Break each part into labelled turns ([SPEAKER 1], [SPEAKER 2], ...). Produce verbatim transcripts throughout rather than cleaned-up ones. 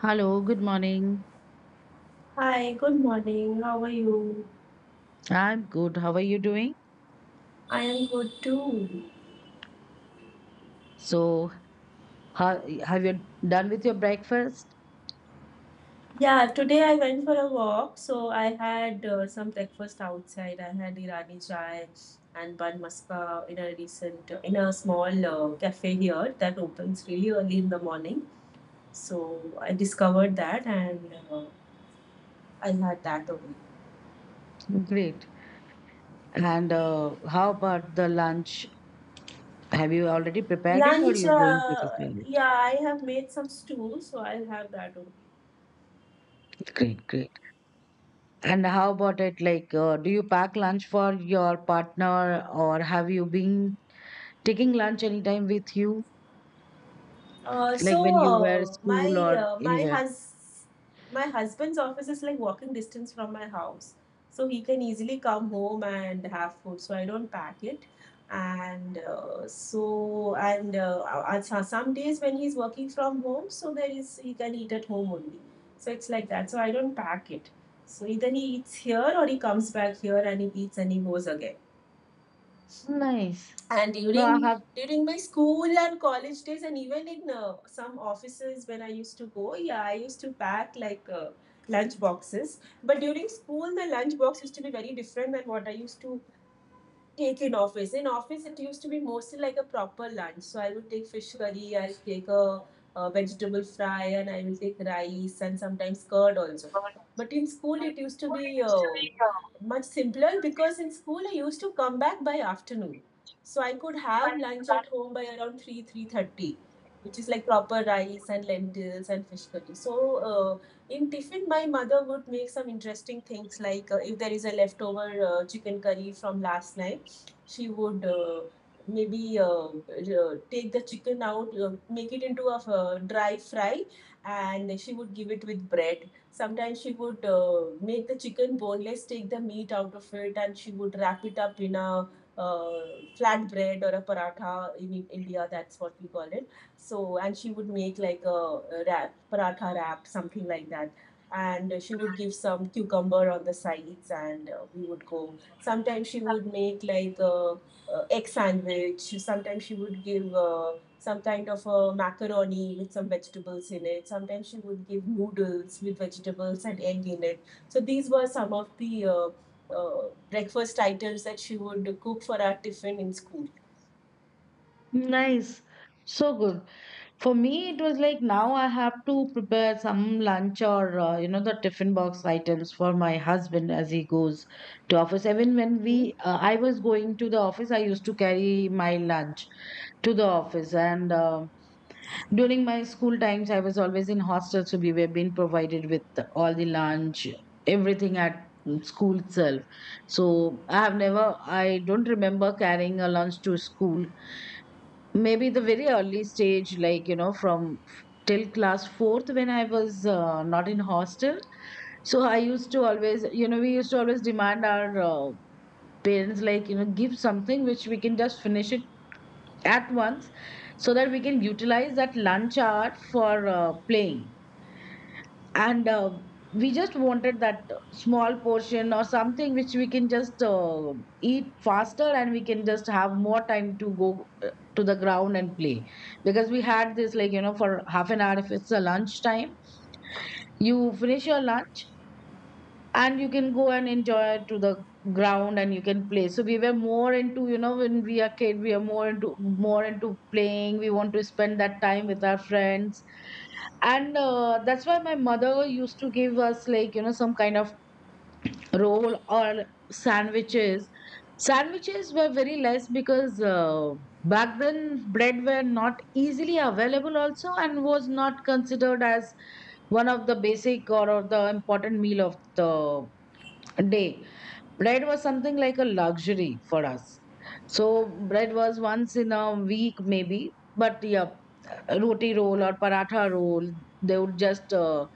[SPEAKER 1] Hello, good morning.
[SPEAKER 2] Hi, good morning. How are you?
[SPEAKER 1] I'm good. How are you doing?
[SPEAKER 2] I am good too.
[SPEAKER 1] So, how, have you done with your breakfast?
[SPEAKER 2] Yeah, today I went for a walk, so I had uh, some breakfast outside. I had Irani chai and bun maska in a recent uh, in a small uh, cafe here that opens really early in the morning. So I discovered that and uh, I had that only.
[SPEAKER 1] Great. And uh, how about the lunch? Have you already prepared it or
[SPEAKER 2] Lunch,
[SPEAKER 1] you going to
[SPEAKER 2] uh,
[SPEAKER 1] prepare it?
[SPEAKER 2] yeah, I have made some stew, so I'll have that only.
[SPEAKER 1] Great, great. And how about it? Like, uh, do you pack lunch for your partner or have you been taking lunch anytime with you?
[SPEAKER 2] Uh, so
[SPEAKER 1] Like when you were
[SPEAKER 2] uh,
[SPEAKER 1] school
[SPEAKER 2] my
[SPEAKER 1] or
[SPEAKER 2] uh, my
[SPEAKER 1] anywhere?
[SPEAKER 2] hus my husband's office is like walking distance from my house, so he can easily come home and have food. So I don't pack it, and uh, so and uh, uh, so- some days when he's working from home, so there is he can eat at home only. So it's like that. So I don't pack it. So either he eats here or he comes back here and he eats and he goes again,
[SPEAKER 1] Nice.
[SPEAKER 2] and
[SPEAKER 1] No, I
[SPEAKER 2] during during my school and college days and even in uh, some offices when I used to go, yeah, I used to pack like uh, lunch boxes. But during school the lunch box used to be very different than what I used to take in office. In office, it used to be mostly like a proper lunch. So I would take fish curry, I'll take a, a vegetable fry, and I will take rice and sometimes curd also.
[SPEAKER 1] have.
[SPEAKER 2] But in school, it used to be uh, much simpler because in school I used to come back by afternoon. So I could have lunch at home by around three, three thirty, which is like proper rice and lentils and fish curry. So uh, in tiffin, my mother would make some interesting things like, uh, if there is a leftover uh, chicken curry from last night, she would, uh, maybe uh, uh, take the chicken out, uh, make it into a uh, dry fry, and she would give it with bread. Sometimes she would uh, make the chicken boneless, take the meat out of it, and she would wrap it up in a uh, flat bread or a paratha in India, that's what we call it. So, and she would make like a, a wrap, paratha wrap, something like that. And she would give some cucumber on the sides, and uh, we would go. Sometimes she would make like a, a egg sandwich. Sometimes she would give uh, some kind of a macaroni with some vegetables in it. Sometimes she would give noodles with vegetables and egg in it. So these were some of the uh, uh, breakfast items that she would cook for our tiffin in school.
[SPEAKER 1] Nice. So good. For me, it was like now I have to prepare some lunch or, uh, you know, the tiffin box items for my husband as he goes to office. Even when
[SPEAKER 2] Mhm.
[SPEAKER 1] we, uh, I was going to the office, I used to carry my lunch to the office. And, um, during my school times, I was always in hostel, so we were being provided with all the lunch, everything at school itself. So I have never, I don't remember carrying a lunch to school. Maybe the very early stage, like, you know, from till class fourth when I was uh, not in hostel. So I used to always, you know, we used to always demand our uh, parents, like, you know, give something which we can just finish it at once so that we can utilize that lunch hour for uh, playing. And uh, we just wanted that small portion or something which we can just uh, eat faster and we can just have more time to go uh, to the ground and play. Because we had this, like, you know, for half an hour, if it's a lunch time, you finish your lunch and you can go and enjoy to the ground and you can play. So we were more into, you know when we are kid, we are more into more into playing. We want to spend that time with our friends, and uh, that's why my mother used to give us, like, you know some kind of roll or sandwiches. Sandwiches were very less because uh, back then bread were not easily available also and was not considered as one of the basic or, or the important meal of the day. Bread was something like a luxury for us. So bread was once in a week maybe, but yeah, roti roll or paratha roll, they would just uh,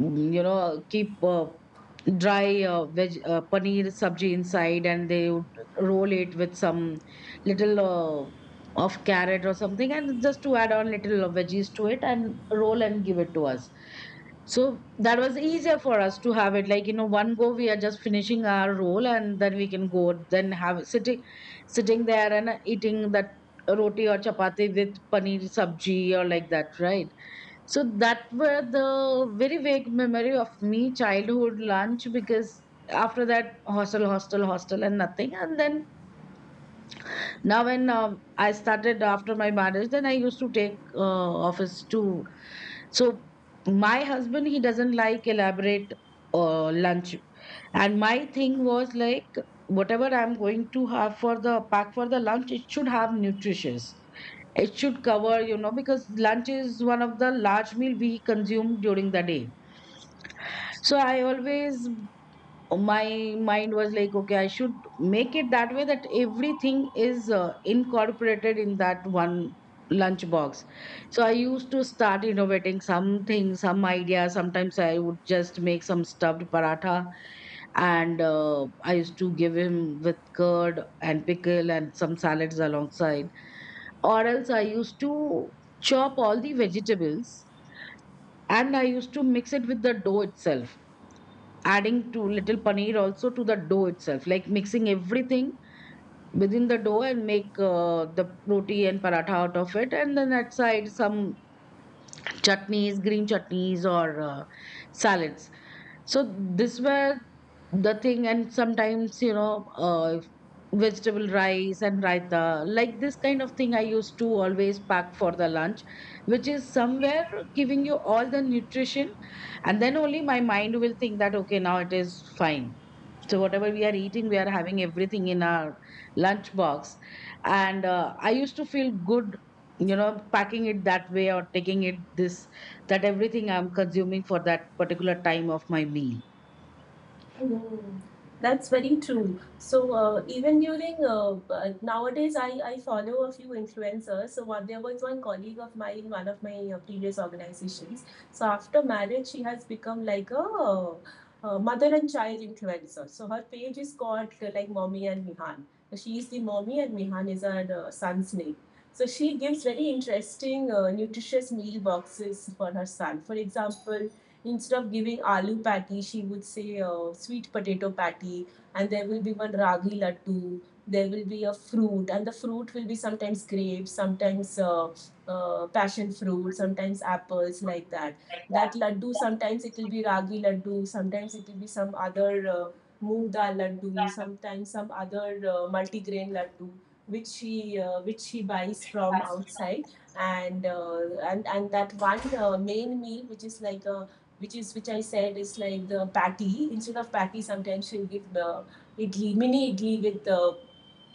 [SPEAKER 1] mm, you know keep uh, dry uh, veg uh, paneer sabji inside, and they would roll it with some little uh, of carrot or something and just to add on little of veggies to it and roll and give it to us. So that was easier for us to have it, like, you know one go. We are just finishing our roll and then we can go, then have sitting sitting there and uh, eating that roti or chapati with paneer sabji or like that, right? So that were the very vague memory of me childhood lunch, because after that, hostel, hostel, hostel, and nothing. And then now, when um, I started after my marriage, then I used to take uh, office too. So, my husband, he doesn't like elaborate uh, lunch. And my thing was like, whatever I'm going to have for the pack for the lunch, it should have nutritious. It should cover, you know, because lunch is one of the large meal we consume during the day. So I always uh, my mind was like, okay, I should make it that way that everything is uh, incorporated in that one lunch box. So I used to start innovating something, some idea. Sometimes I would just make some stuffed paratha, and uh, I used to give him with curd and pickle and some salads alongside, or else I used to chop all the vegetables and I used to mix it with the dough itself, adding too little paneer also to the dough itself, like mixing everything within the dough and make uh, the roti and paratha out of it, and then that side some chutneys, green chutneys or uh, salads. So this were the thing, and sometimes you know uh, vegetable rice and raita, like this kind of thing I used to always pack for the lunch, which is somewhere giving you all the nutrition, and then only my mind will think that okay now it is fine, so whatever we are eating, we are having everything in our lunch box. And uh, I used to feel good, you know, packing it that way or taking it this, that everything I'm consuming for that particular time of my meal.
[SPEAKER 2] Mm, that's very true. So uh, even during uh, uh, nowadays, I, I follow a few influencers. So one, there was one colleague of mine in one of my uh, previous organizations. So after marriage, she has become like a, uh, uh, mother and child influencer. So her page is called, uh, like, Mommy and Mihan. So she is the mommy and Mihan is her uh, son's name. So she gives very interesting uh, nutritious meal boxes for her son. For example, instead of giving aloo patty, she would say uh, sweet potato patty, and there will be one ragi laddu. There will be a fruit, and the fruit will be sometimes grapes, sometimes uh, uh, passion fruit, sometimes apples, like that. That laddu, sometimes it will be ragi laddu, sometimes it will be some other uh, moong dal laddu, sometimes some other uh, multigrain laddu, which she uh, which she buys from outside, and uh, and and that one uh, main meal which is like a which is which I said is like the patty. Instead of patty, sometimes she'll give the idli, mini idli with the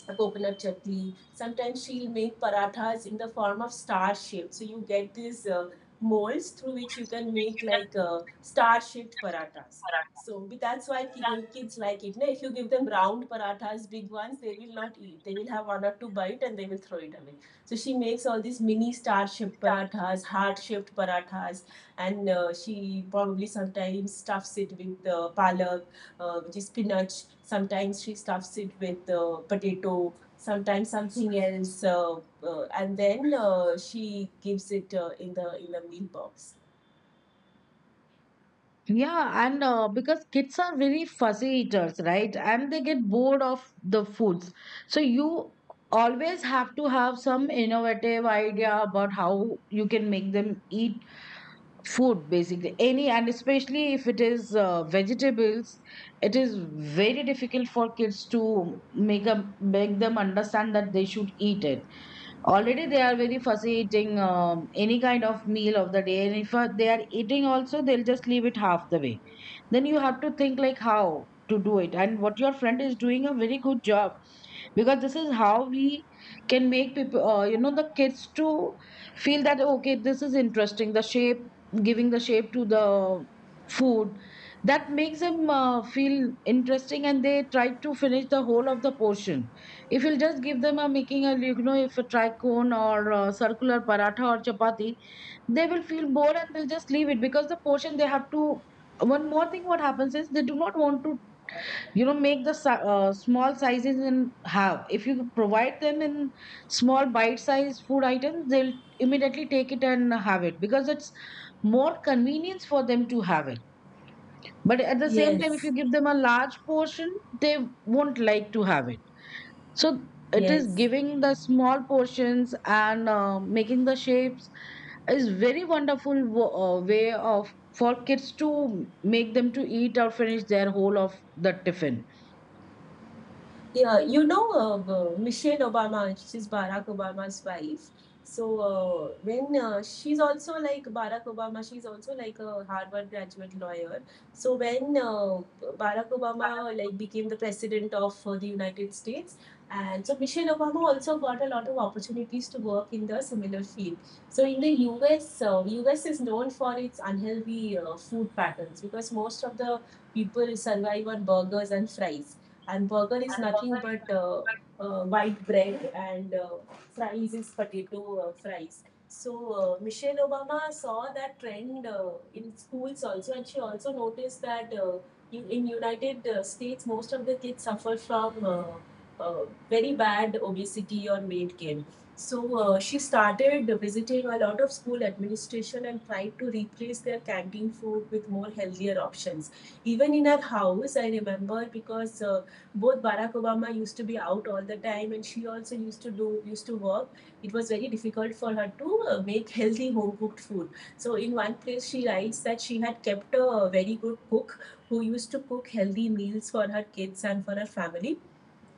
[SPEAKER 2] a coconut chutney. Sometimes she'll make parathas in the form of star shape. So you get these uh, molds through which you can make like uh, star shaped parathas. So that's why kids like it. Na? If you give them round parathas, big ones, they will not eat. They will have one or two bite and they will throw it away. So she makes all these mini star shaped parathas, heart shaped parathas, and uh, she probably sometimes stuffs it with uh, palak, uh, which is spinach. Sometimes she stuffs it with uh, potato, sometimes something else, uh, uh, and then uh, she gives it uh, in the in the meal box.
[SPEAKER 1] Yeah, and uh, because kids are very fussy eaters, right? And they get bored of the foods. So you always have to have some innovative idea about how you can make them eat food basically any, and especially if it is uh, vegetables, it is very difficult for kids to make up make them understand that they should eat it. Already they are very fussy eating um, any kind of meal of the day, and if uh, they are eating also, they'll just leave it half the way. Then you have to think like how to do it, and what your friend is doing a very good job, because this is how we can make people, uh, you know the kids, to feel that okay this is interesting. The shape, giving the shape to the food, that makes them uh, feel interesting, and they try to finish the whole of the portion. If you'll just give them a making a, you know if a tricone or a circular paratha or chapati, they will feel bored and they'll just leave it because the portion they have to. One more thing what happens is they do not want to, you know make the si- uh, small sizes and have. If you provide them in small bite size food items, they'll immediately take it and have it because it's more convenience for them to have it. But at the same time if
[SPEAKER 2] Yes,
[SPEAKER 1] you give them a large portion, they won't like to have it. So it is
[SPEAKER 2] yes.
[SPEAKER 1] giving the small portions and uh, making the shapes is very wonderful wo- uh, way of for kids to make them to eat or finish their whole of the tiffin.
[SPEAKER 2] Yeah, you know, uh, uh, Michelle Obama, she's Barack Obama's wife. So uh, when uh, she's also like Barack Obama, she's also like a Harvard graduate lawyer. So when, uh, Barack Obama like became the president of uh, the United States, and so Michelle Obama also got a lot of opportunities to work in the similar field. So in the U S, uh, U S is known for its unhealthy uh, food patterns because most of the people survive on burgers and fries, and burger is nothing but uh, uh, white bread and, uh, fries is potato uh, fries. So uh, Michelle Obama saw that trend uh, in schools also, and she also noticed that uh, in United uh, States most of the kids suffer from uh, uh, very bad obesity or weight gain. So uh, she started visiting a lot of school administration and tried to replace their canteen food with more healthier options. Even in our house, I remember because uh, both Barack Obama used to be out all the time, and she also used to do used to work. It was very difficult for her to uh, make healthy home cooked food. So in one place, she writes that she had kept a very good cook who used to cook healthy meals for her kids and for her family,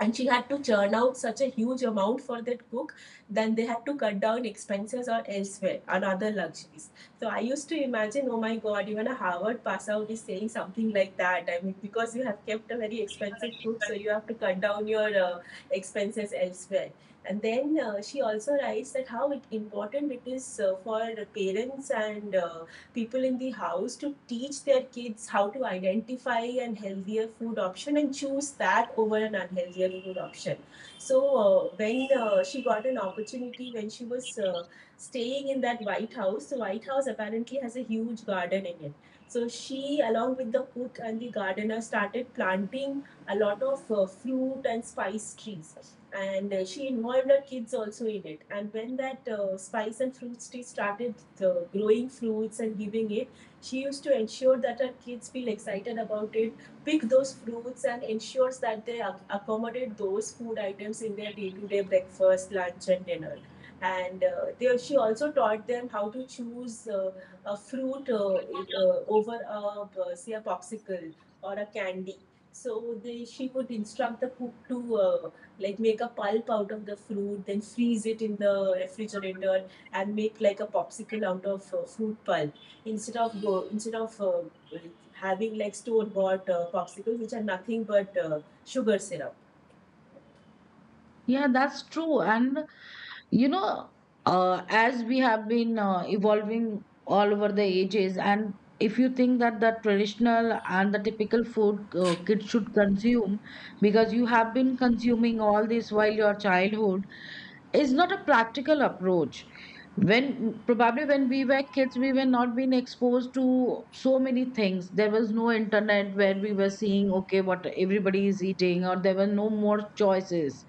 [SPEAKER 2] and she had to churn out such a huge amount for that book. Then they had to cut down expenses or elsewhere on other luxuries. So I used to imagine, oh my god, even a Harvard pass out is saying something like that. I mean, because you have kept a very expensive book, so you have to cut down your uh, expenses elsewhere. And then uh, she also writes that how important it is uh, for parents and uh, people in the house to teach their kids how to identify an healthier food option and choose that over an unhealthier food option. So uh, when uh, she got an opportunity, when she was uh, staying in that White House, the White House apparently has a huge garden in it. So she, along with the cook and the gardener, started planting a lot of uh, fruit and spice trees, and uh, she involved her kids also in it. And when that uh, spice and fruits tree started uh, growing fruits and giving it, she used to ensure that her kids feel excited about it, pick those fruits, and ensures that they ac- accommodate those food items in their day-to-day breakfast, lunch and dinner. And uh, they, she also taught them how to choose uh, a fruit, uh, uh, over a, uh, say, a popsicle or a candy. So they, she would instruct the cook to, uh, like, make a pulp out of the fruit, then freeze it in the refrigerator and make like a popsicle out of uh, fruit pulp, instead of go instead of uh, having like store bought uh, popsicles which are nothing but uh, sugar syrup.
[SPEAKER 1] Yeah, that's true. And, you know, uh, as we have been uh, evolving all over the ages, and if you think that the traditional and the typical food uh, kids should consume, because you have been consuming all this while your childhood, is not a practical approach. When probably when we were kids, we were not being exposed to so many things. There was no internet where we were seeing, okay, what everybody is eating, or there were no more choices.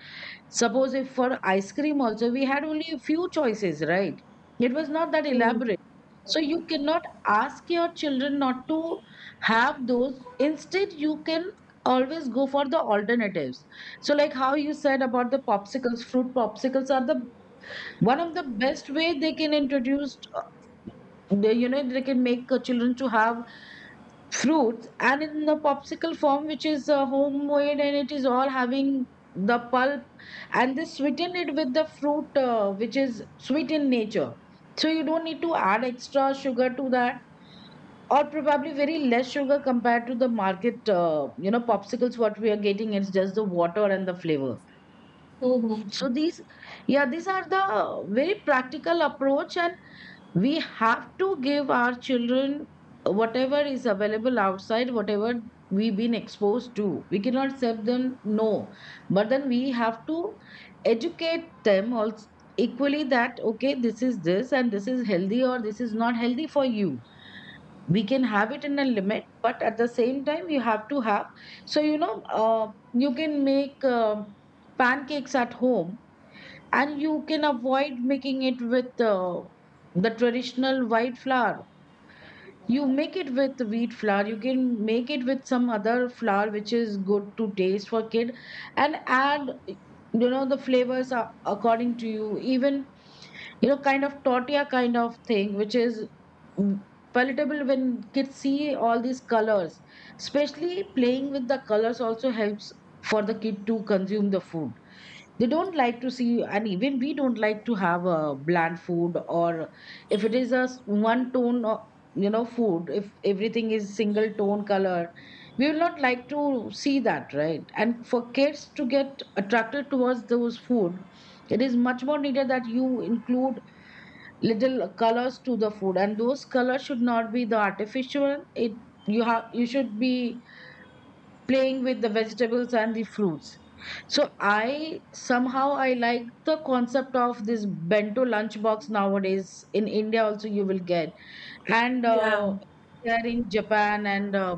[SPEAKER 1] Suppose if for ice cream also, we had only a few choices, right? It was not that
[SPEAKER 2] Hmm.
[SPEAKER 1] elaborate. So you cannot ask your children not to have those. Instead, you can always go for the alternatives. So, like how you said about the popsicles, fruit popsicles are the one of the best way they can introduce. uh, They, you know, they can make uh, children to have fruits and in the popsicle form which is uh, homemade and it is all having the pulp, and they sweeten it with the fruit uh, which is sweet in nature, so you don't need to add extra sugar to that, or probably very less sugar compared to the market uh, you know popsicles what we are getting. It's just the water and the flavor. So these, yeah, these are the uh, very practical approach. And we have to give our children whatever is available outside. Whatever we've been exposed to, we cannot serve them, no, but then we have to educate them also equally that okay this is this and this is healthy or this is not healthy for you. We can have it in a limit, but at the same time you have to have. So you know uh, you can make um pancakes at home, and you can avoid making it with uh, the traditional white flour. You make it with wheat flour. You can make it with some other flour which is good to taste for kid, and add, you know the flavors are according to you, even you know kind of tortilla kind of thing which is mm, palatable. When kids see all these colors, especially playing with the colors also helps for the kid to consume the food. They don't like to see, and even we don't like to have a bland food or if it is a one tone of, you know food, if everything is single tone color, we will not like to see that, right? And for kids to get attracted towards those food, it is much more needed that you include little colors to the food, and those colors should not be the artificial. It you have you should be playing with the vegetables and the fruits. So I somehow I like the concept of this bento lunchbox. Nowadays in India also you will get. And
[SPEAKER 2] Yeah.
[SPEAKER 1] uh, there in Japan and uh,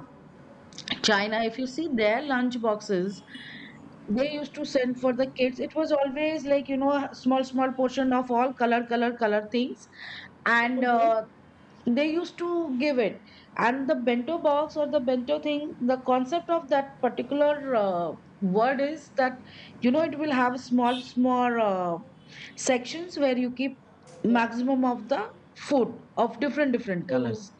[SPEAKER 1] China, if you see their lunch boxes they used to send for the kids, it was always like, you know a small small portion of all color color color things. And
[SPEAKER 2] Mm-hmm.
[SPEAKER 1] uh, they used to give it. And the bento box, or the bento thing, the concept of that particular uh, word is that, you know, it will have small small uh, sections where you keep maximum of the food of different different
[SPEAKER 2] Hmm.
[SPEAKER 1] colors.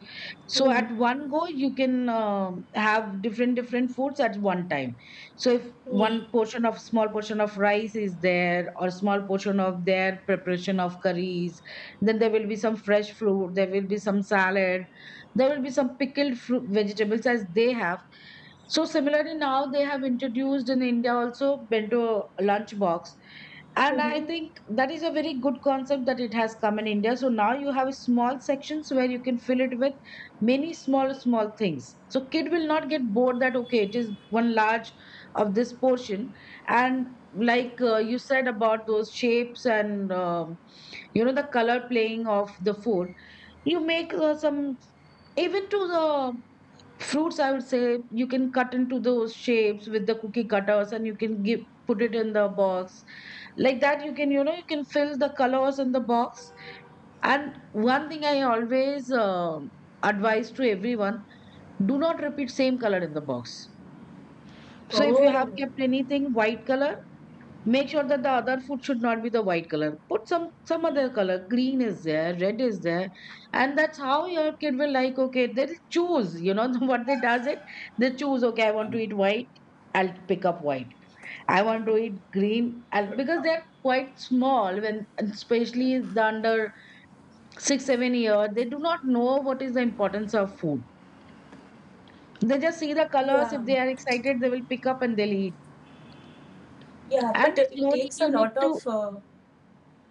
[SPEAKER 1] So
[SPEAKER 2] Hmm.
[SPEAKER 1] at one go you can um have different different foods at one time. So if
[SPEAKER 2] Hmm.
[SPEAKER 1] one portion of, small portion of rice is there, or small portion of their preparation of curries, then there will be some fresh fruit, there will be some salad, there will be some pickled fruit, vegetables as they have. So similarly, now they have introduced in India also bento lunch box. And I
[SPEAKER 2] Mm-hmm.
[SPEAKER 1] think that is a very good concept that it has come in India. So now you have small sections where you can fill it with many small, small things. So kid will not get bored that, okay, it is one large of this portion. And like, uh, you said about those shapes and uh, you know, the color playing of the food, you make uh, some, even to the fruits I would say, you can cut into those shapes with the cookie cutters, and you can give, put it in the box. Like that you can, you know, you can fill the colors in the box. And one thing I always uh, advise to everyone: do not repeat same color in the box. So if you
[SPEAKER 2] Oh.
[SPEAKER 1] have kept anything white color, make sure that the other food should not be the white color. Put some some other color. Green is there, red is there, and that's how your kid will like. Okay, they'll choose. You know what they does it. They choose. Okay, I want to eat white, I'll pick up white. I want to eat green, I'll, because they're quite small, when especially the under six seven year, they do not know what is the importance of food. They just see the colors.
[SPEAKER 2] Yeah.
[SPEAKER 1] If they are excited they will pick up and they'll eat.
[SPEAKER 2] Yeah. But
[SPEAKER 1] And
[SPEAKER 2] it
[SPEAKER 1] slowly
[SPEAKER 2] takes a
[SPEAKER 1] you need
[SPEAKER 2] lot
[SPEAKER 1] to—
[SPEAKER 2] of uh,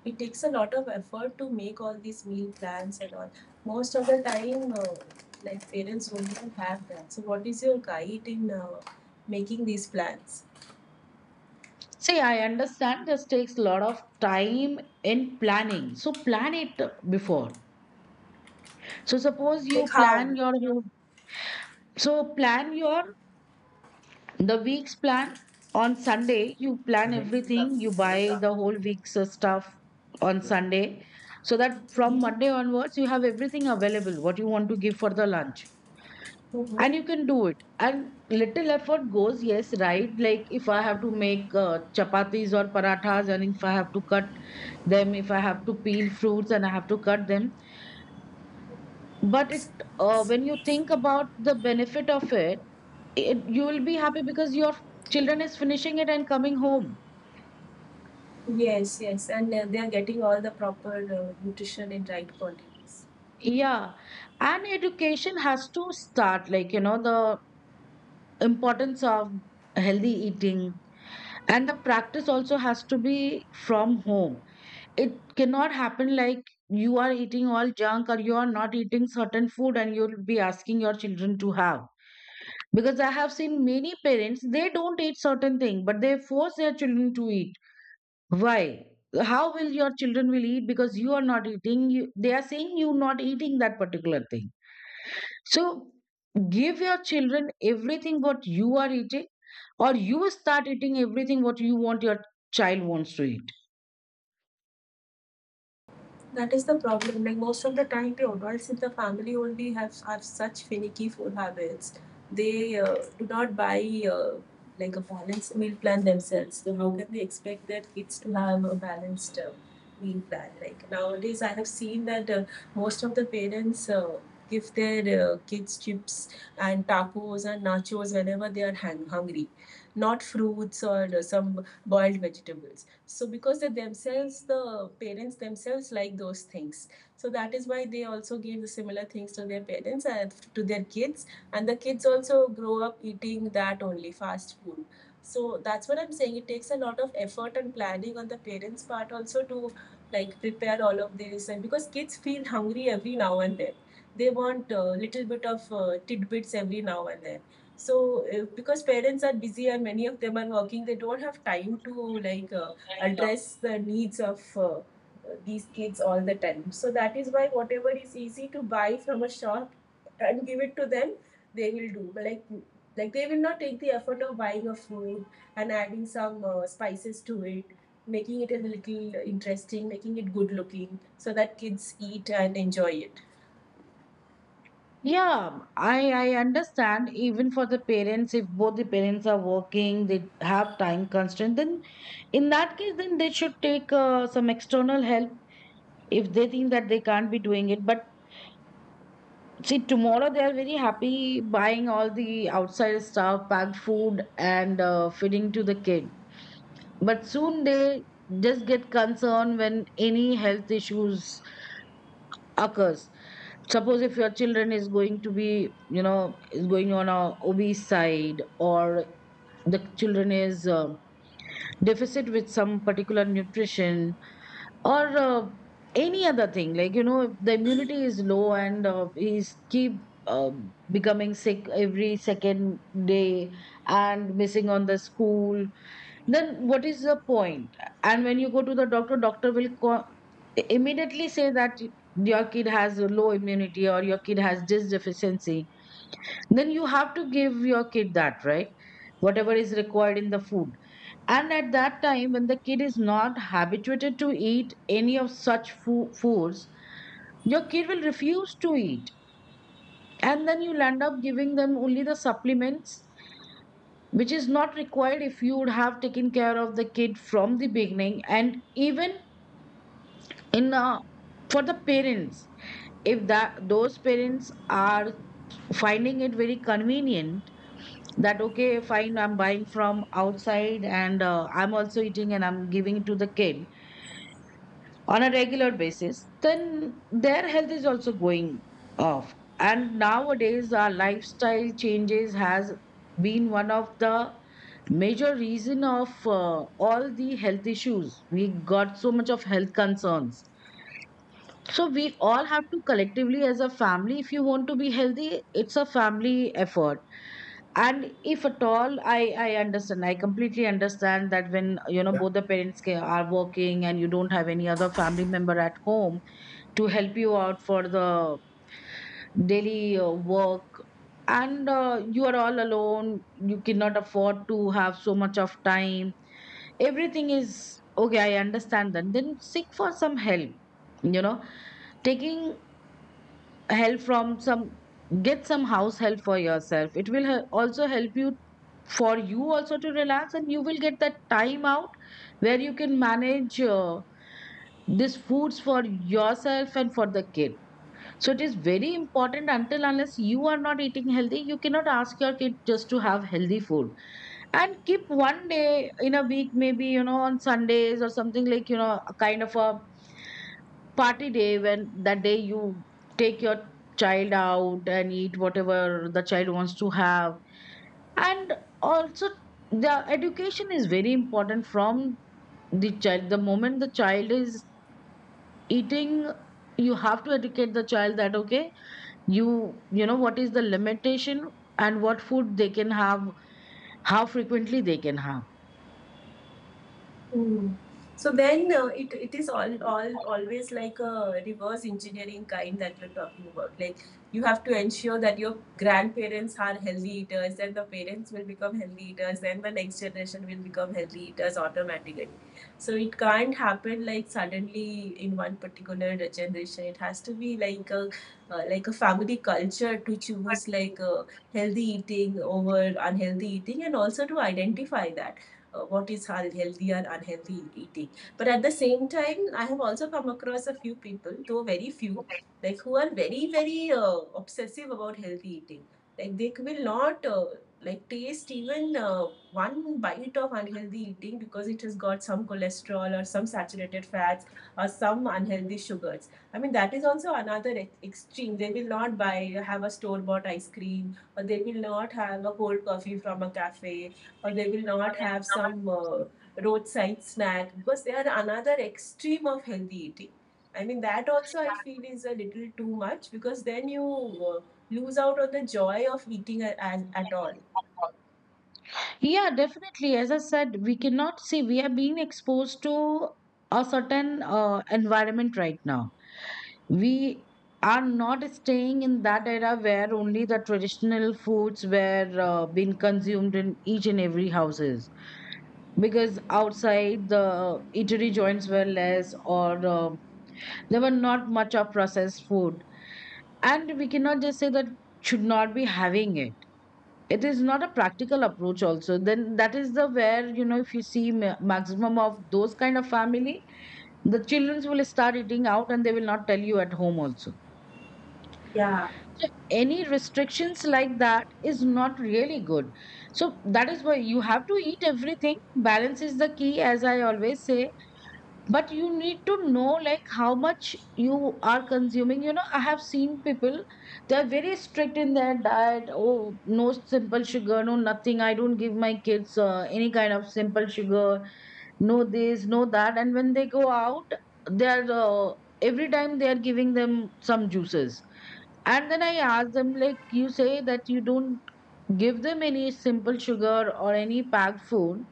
[SPEAKER 2] it takes a lot of effort to make all these meal plans and all. Most of the time, uh, like parents don't even have that. So, what is your guide in uh, making these plans?
[SPEAKER 1] see, I understand this takes a lot of time in planning. So plan it before. So suppose
[SPEAKER 2] Like
[SPEAKER 1] you
[SPEAKER 2] how?
[SPEAKER 1] plan your whole- so plan your, the week's plan on Sunday. You plan everything. You buy the whole week's uh, stuff on Sunday, so that from
[SPEAKER 2] Mm-hmm.
[SPEAKER 1] Monday onwards you have everything available. What you want to give for the lunch, and
[SPEAKER 2] Mm-hmm.
[SPEAKER 1] you can do it. And little effort goes. Yes, right. Like if I have to make uh, chapatis or parathas, and if I have to cut them, if I have to peel fruits and I have to cut them. But it, uh, when you think about the benefit of it, it, you will be happy because your children is finishing it and coming home.
[SPEAKER 2] Yes, yes, and uh, they are getting all the proper uh, nutrition in right quantities.
[SPEAKER 1] Yeah, and education has to start like, you know, the importance of healthy eating, and the practice also has to be from home. It cannot happen like you are eating all junk, or you are not eating certain food and you'll be asking your children to have. Because I have seen many parents, they don't eat certain thing, but they force their children to eat. Why? How will your children will eat, because you are not eating? You, they are saying you not eating that particular thing. So give your children everything what you are eating, or you start eating everything what you want your child wants to eat.
[SPEAKER 2] That is the problem. Like most of the time, the adults in the family only have have such finicky food habits. They uh, do not buy, uh, like, a balanced meal plan themselves. So how can they expect their kids to have a balanced uh, meal plan? Like nowadays, I have seen that uh, most of the parents. Uh, Give their uh, kids chips and tacos and nachos whenever they are hang- hungry, not fruits or uh, some boiled vegetables. So because they themselves the parents themselves like those things, so that is why they also give the similar things to their parents and to their kids, and the kids also grow up eating that only fast food. So that's what I'm saying, it takes a lot of effort and planning on the parents part also to like prepare all of this, and because kids feel hungry every now and then, they want a little bit of uh, tidbits every now and then. So uh, because parents are busy and many of them are working, they don't have time to like uh, address the needs of uh, these kids all the time. So that is why whatever is easy to buy from a shop and give it to them, they will do. Like like they will not take the effort of buying a food and adding some uh, spices to it, making it a little interesting, making it good looking, so that kids eat and enjoy it.
[SPEAKER 1] Yeah, I I understand. Even for the parents, if both the parents are working, they have time constraint. Then in that case, then they should take uh, some external help if they think that they can't be doing it. But see, tomorrow they are very happy buying all the outside stuff, packed food, and uh, feeding to the kid, but soon they just get concerned when any health issues occurs. Suppose if your children is going to be, you know, is going on a obese side, or the children is um deficit with some particular nutrition, or uh, any other thing, like, you know, if the immunity is low and uh, he's keep uh, becoming sick every second day and missing on the school, then what is the point point? And when you go to the doctor, doctor will co- immediately say that your kid has a low immunity, or your kid has this deficiency, then you have to give your kid that, right, whatever is required in the food. And at that time, when the kid is not habituated to eat any of such foo- foods, your kid will refuse to eat. And then you'll end up giving them only the supplements, which is not required if you would have taken care of the kid from the beginning. And even in uh, for the parents, if that those parents are finding it very convenient that, okay, fine, I'm buying from outside and uh, I'm also eating and I'm giving it to the kid on a regular basis, then their health is also going off. And nowadays, our lifestyle changes has been one of the major reason of uh, all the health issues. We got so much of health concerns. So we all have to collectively, as a family, if you want to be healthy, it's a family effort. And if at all, I I understand, I completely understand that, when you know, both the parents ca- are working and you don't have any other family member at home to help you out for the daily uh, work, and uh, you are all alone, you cannot afford to have so much of time, everything is— okay, I understand that, then seek for some help, you know, taking help from some, get some house help for yourself. It will he- also help you, for you also to relax, and you will get that time out where you can manage uh, these foods for yourself and for the kid. So it is very important, until unless you are not eating healthy, you cannot ask your kid just to have healthy food. And keep one day in a week, maybe, you know, on Sundays or something, like, you know, a kind of a party day when that day you take your child out and eat whatever the child wants to have. And also, the education is very important from the child. The moment the child is eating, you have to educate the child that, okay, you you know, what is the limitation, and what food they can have, how frequently they can have.
[SPEAKER 2] Mm. So then uh, it, it is all, all always like a reverse engineering kind that you're talking about. Like you have to ensure that your grandparents are healthy eaters, then the parents will become healthy eaters, then the next generation will become healthy eaters automatically. So it can't happen like suddenly in one particular generation. It has to be like a uh, like a family culture to choose like uh, healthy eating over unhealthy eating, and also to identify that uh, what is healthy or unhealthy eating. But at the same time, I have also come across a few people, though very few, like who are very, very uh, obsessive about healthy eating. Like they will not uh, like taste even uh, one bite of unhealthy eating because it has got some cholesterol or some saturated fats or some unhealthy sugars. I mean that is also another e- extreme. They will not buy have a store bought ice cream, or they will not have a cold coffee from a cafe, or they will not have some uh, roadside snack because they are another extreme of healthy eating. I mean, that also I feel is a little too much because then you uh, lose out on the joy of eating at at all.
[SPEAKER 1] Yeah, definitely, as I said, we cannot see, we are being exposed to a certain uh, environment right now. We are not staying in that era where only the traditional foods were uh, being consumed in each and every houses, because outside the eatery joints were less, or uh, there were not much of processed food. And we cannot just say that should not be having it, it is not a practical approach also. Then that is the— where, you know, if you see ma- maximum of those kind of family, the children will start eating out and they will not tell you at home also.
[SPEAKER 2] Yeah.
[SPEAKER 1] So any restrictions like that is not really good. So that is why you have to eat everything. Balance is the key, as I always say. But you need to know like how much you are consuming. You know, I have seen people, they're very strict in their diet. Oh no, simple sugar no, nothing, I don't give my kids uh, any kind of simple sugar, no this, no that. And when they go out, they're uh, every time they are giving them some juices. And then I ask them, like, you say that you don't give them any simple sugar or any packed food,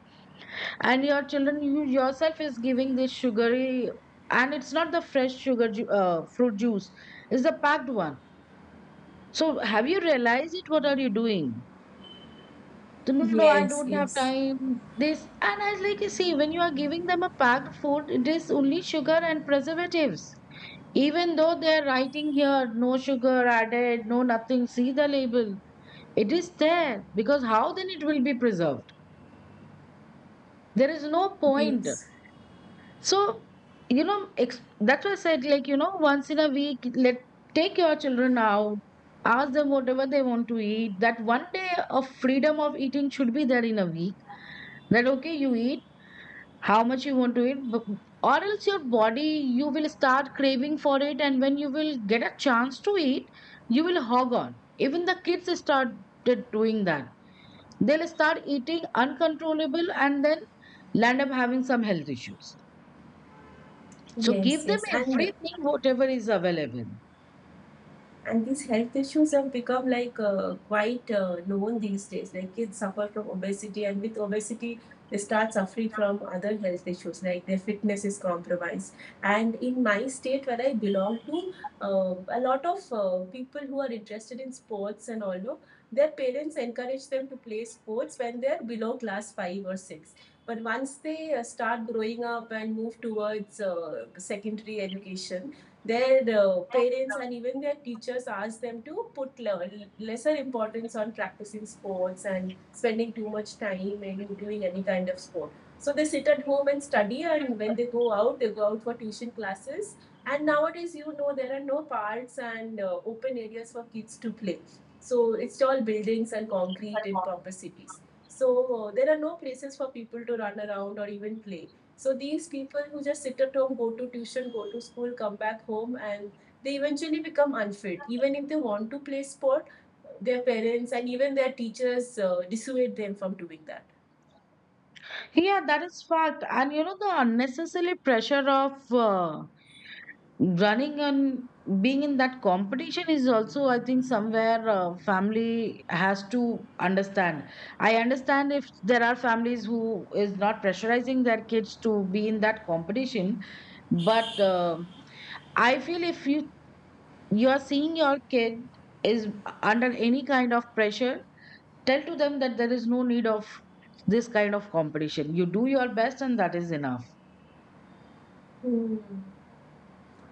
[SPEAKER 1] and your children, you yourself is giving this sugary. And it's not the fresh sugar ju- uh, fruit juice, it's the packed one. So have you realized it what are you doing? So, no no, I
[SPEAKER 2] Yes,
[SPEAKER 1] don't have
[SPEAKER 2] yes,
[SPEAKER 1] time, this. And I was like, you see, when you are giving them a packed food, it is only sugar and preservatives. Even though they are writing here, no sugar added, no nothing, see the label, it is there, because how then it will be preserved? There is no point.
[SPEAKER 2] yes,
[SPEAKER 1] So, you know, ex- that's why I said, like, you know, once in a week, let take your children out, ask them whatever they want to eat. That one day of freedom of eating should be there in a week. That okay, you eat how much you want to eat, but, or else your body, you will start craving for it, and when you will get a chance to eat, you will hog on. Even the kids started doing that. They'll start eating uncontrollable and then land up having some health issues. So
[SPEAKER 2] yes,
[SPEAKER 1] give them
[SPEAKER 2] yes. And
[SPEAKER 1] everything, whatever is available.
[SPEAKER 2] and these health issues have become like uh, quite uh, known these days, like kids suffer from obesity, and with obesity they start suffering from other health issues like their fitness is compromised. And in my state where I belong to, uh, a lot of uh, people who are interested in sports and all, no, their parents encourage them to play sports when they are below class five or six. But once they uh, start growing up and move towards uh, secondary education, their uh, parents and even their teachers ask them to put lesser importance on practicing sports and spending too much time in doing any kind of sport. So they sit at home and study, and when they go out, they go out for tuition classes. And nowadays, you know, there are no parks and uh, open areas for kids to play. So it's all buildings and concrete in proper cities. So uh, there are no places for people to run around or even play. So these people who just sit at home, go to tuition, go to school, come back home, and they eventually become unfit. Even if they want to play sport, their parents and even their teachers uh, dissuade them from doing that.
[SPEAKER 1] Yeah, that is fact. And you know, the unnecessary pressure of uh, running and being in that competition is also, I think, somewhere uh, family has to understand. I understand if there are families who is not pressurizing their kids to be in that competition, but uh, I feel if you you are seeing your kid is under any kind of pressure, tell to them that there is no need of this kind of competition. You do your best and that is enough.
[SPEAKER 2] Hmm.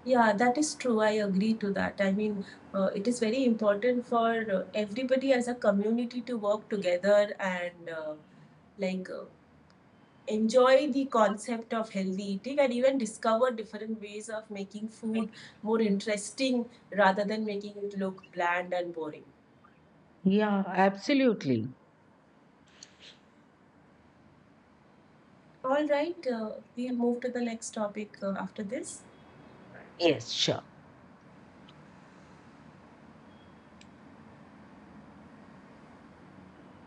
[SPEAKER 2] Yeah, that is true. I agree to that. I mean, uh, it is very important for uh, everybody as a community to work together and uh, like uh, enjoy the concept of healthy eating and even discover different ways of making food more interesting rather than making it look bland and boring.
[SPEAKER 1] Yeah, absolutely.
[SPEAKER 2] All right, uh, we'll move to the next topic uh, after this.
[SPEAKER 1] Yes, sure.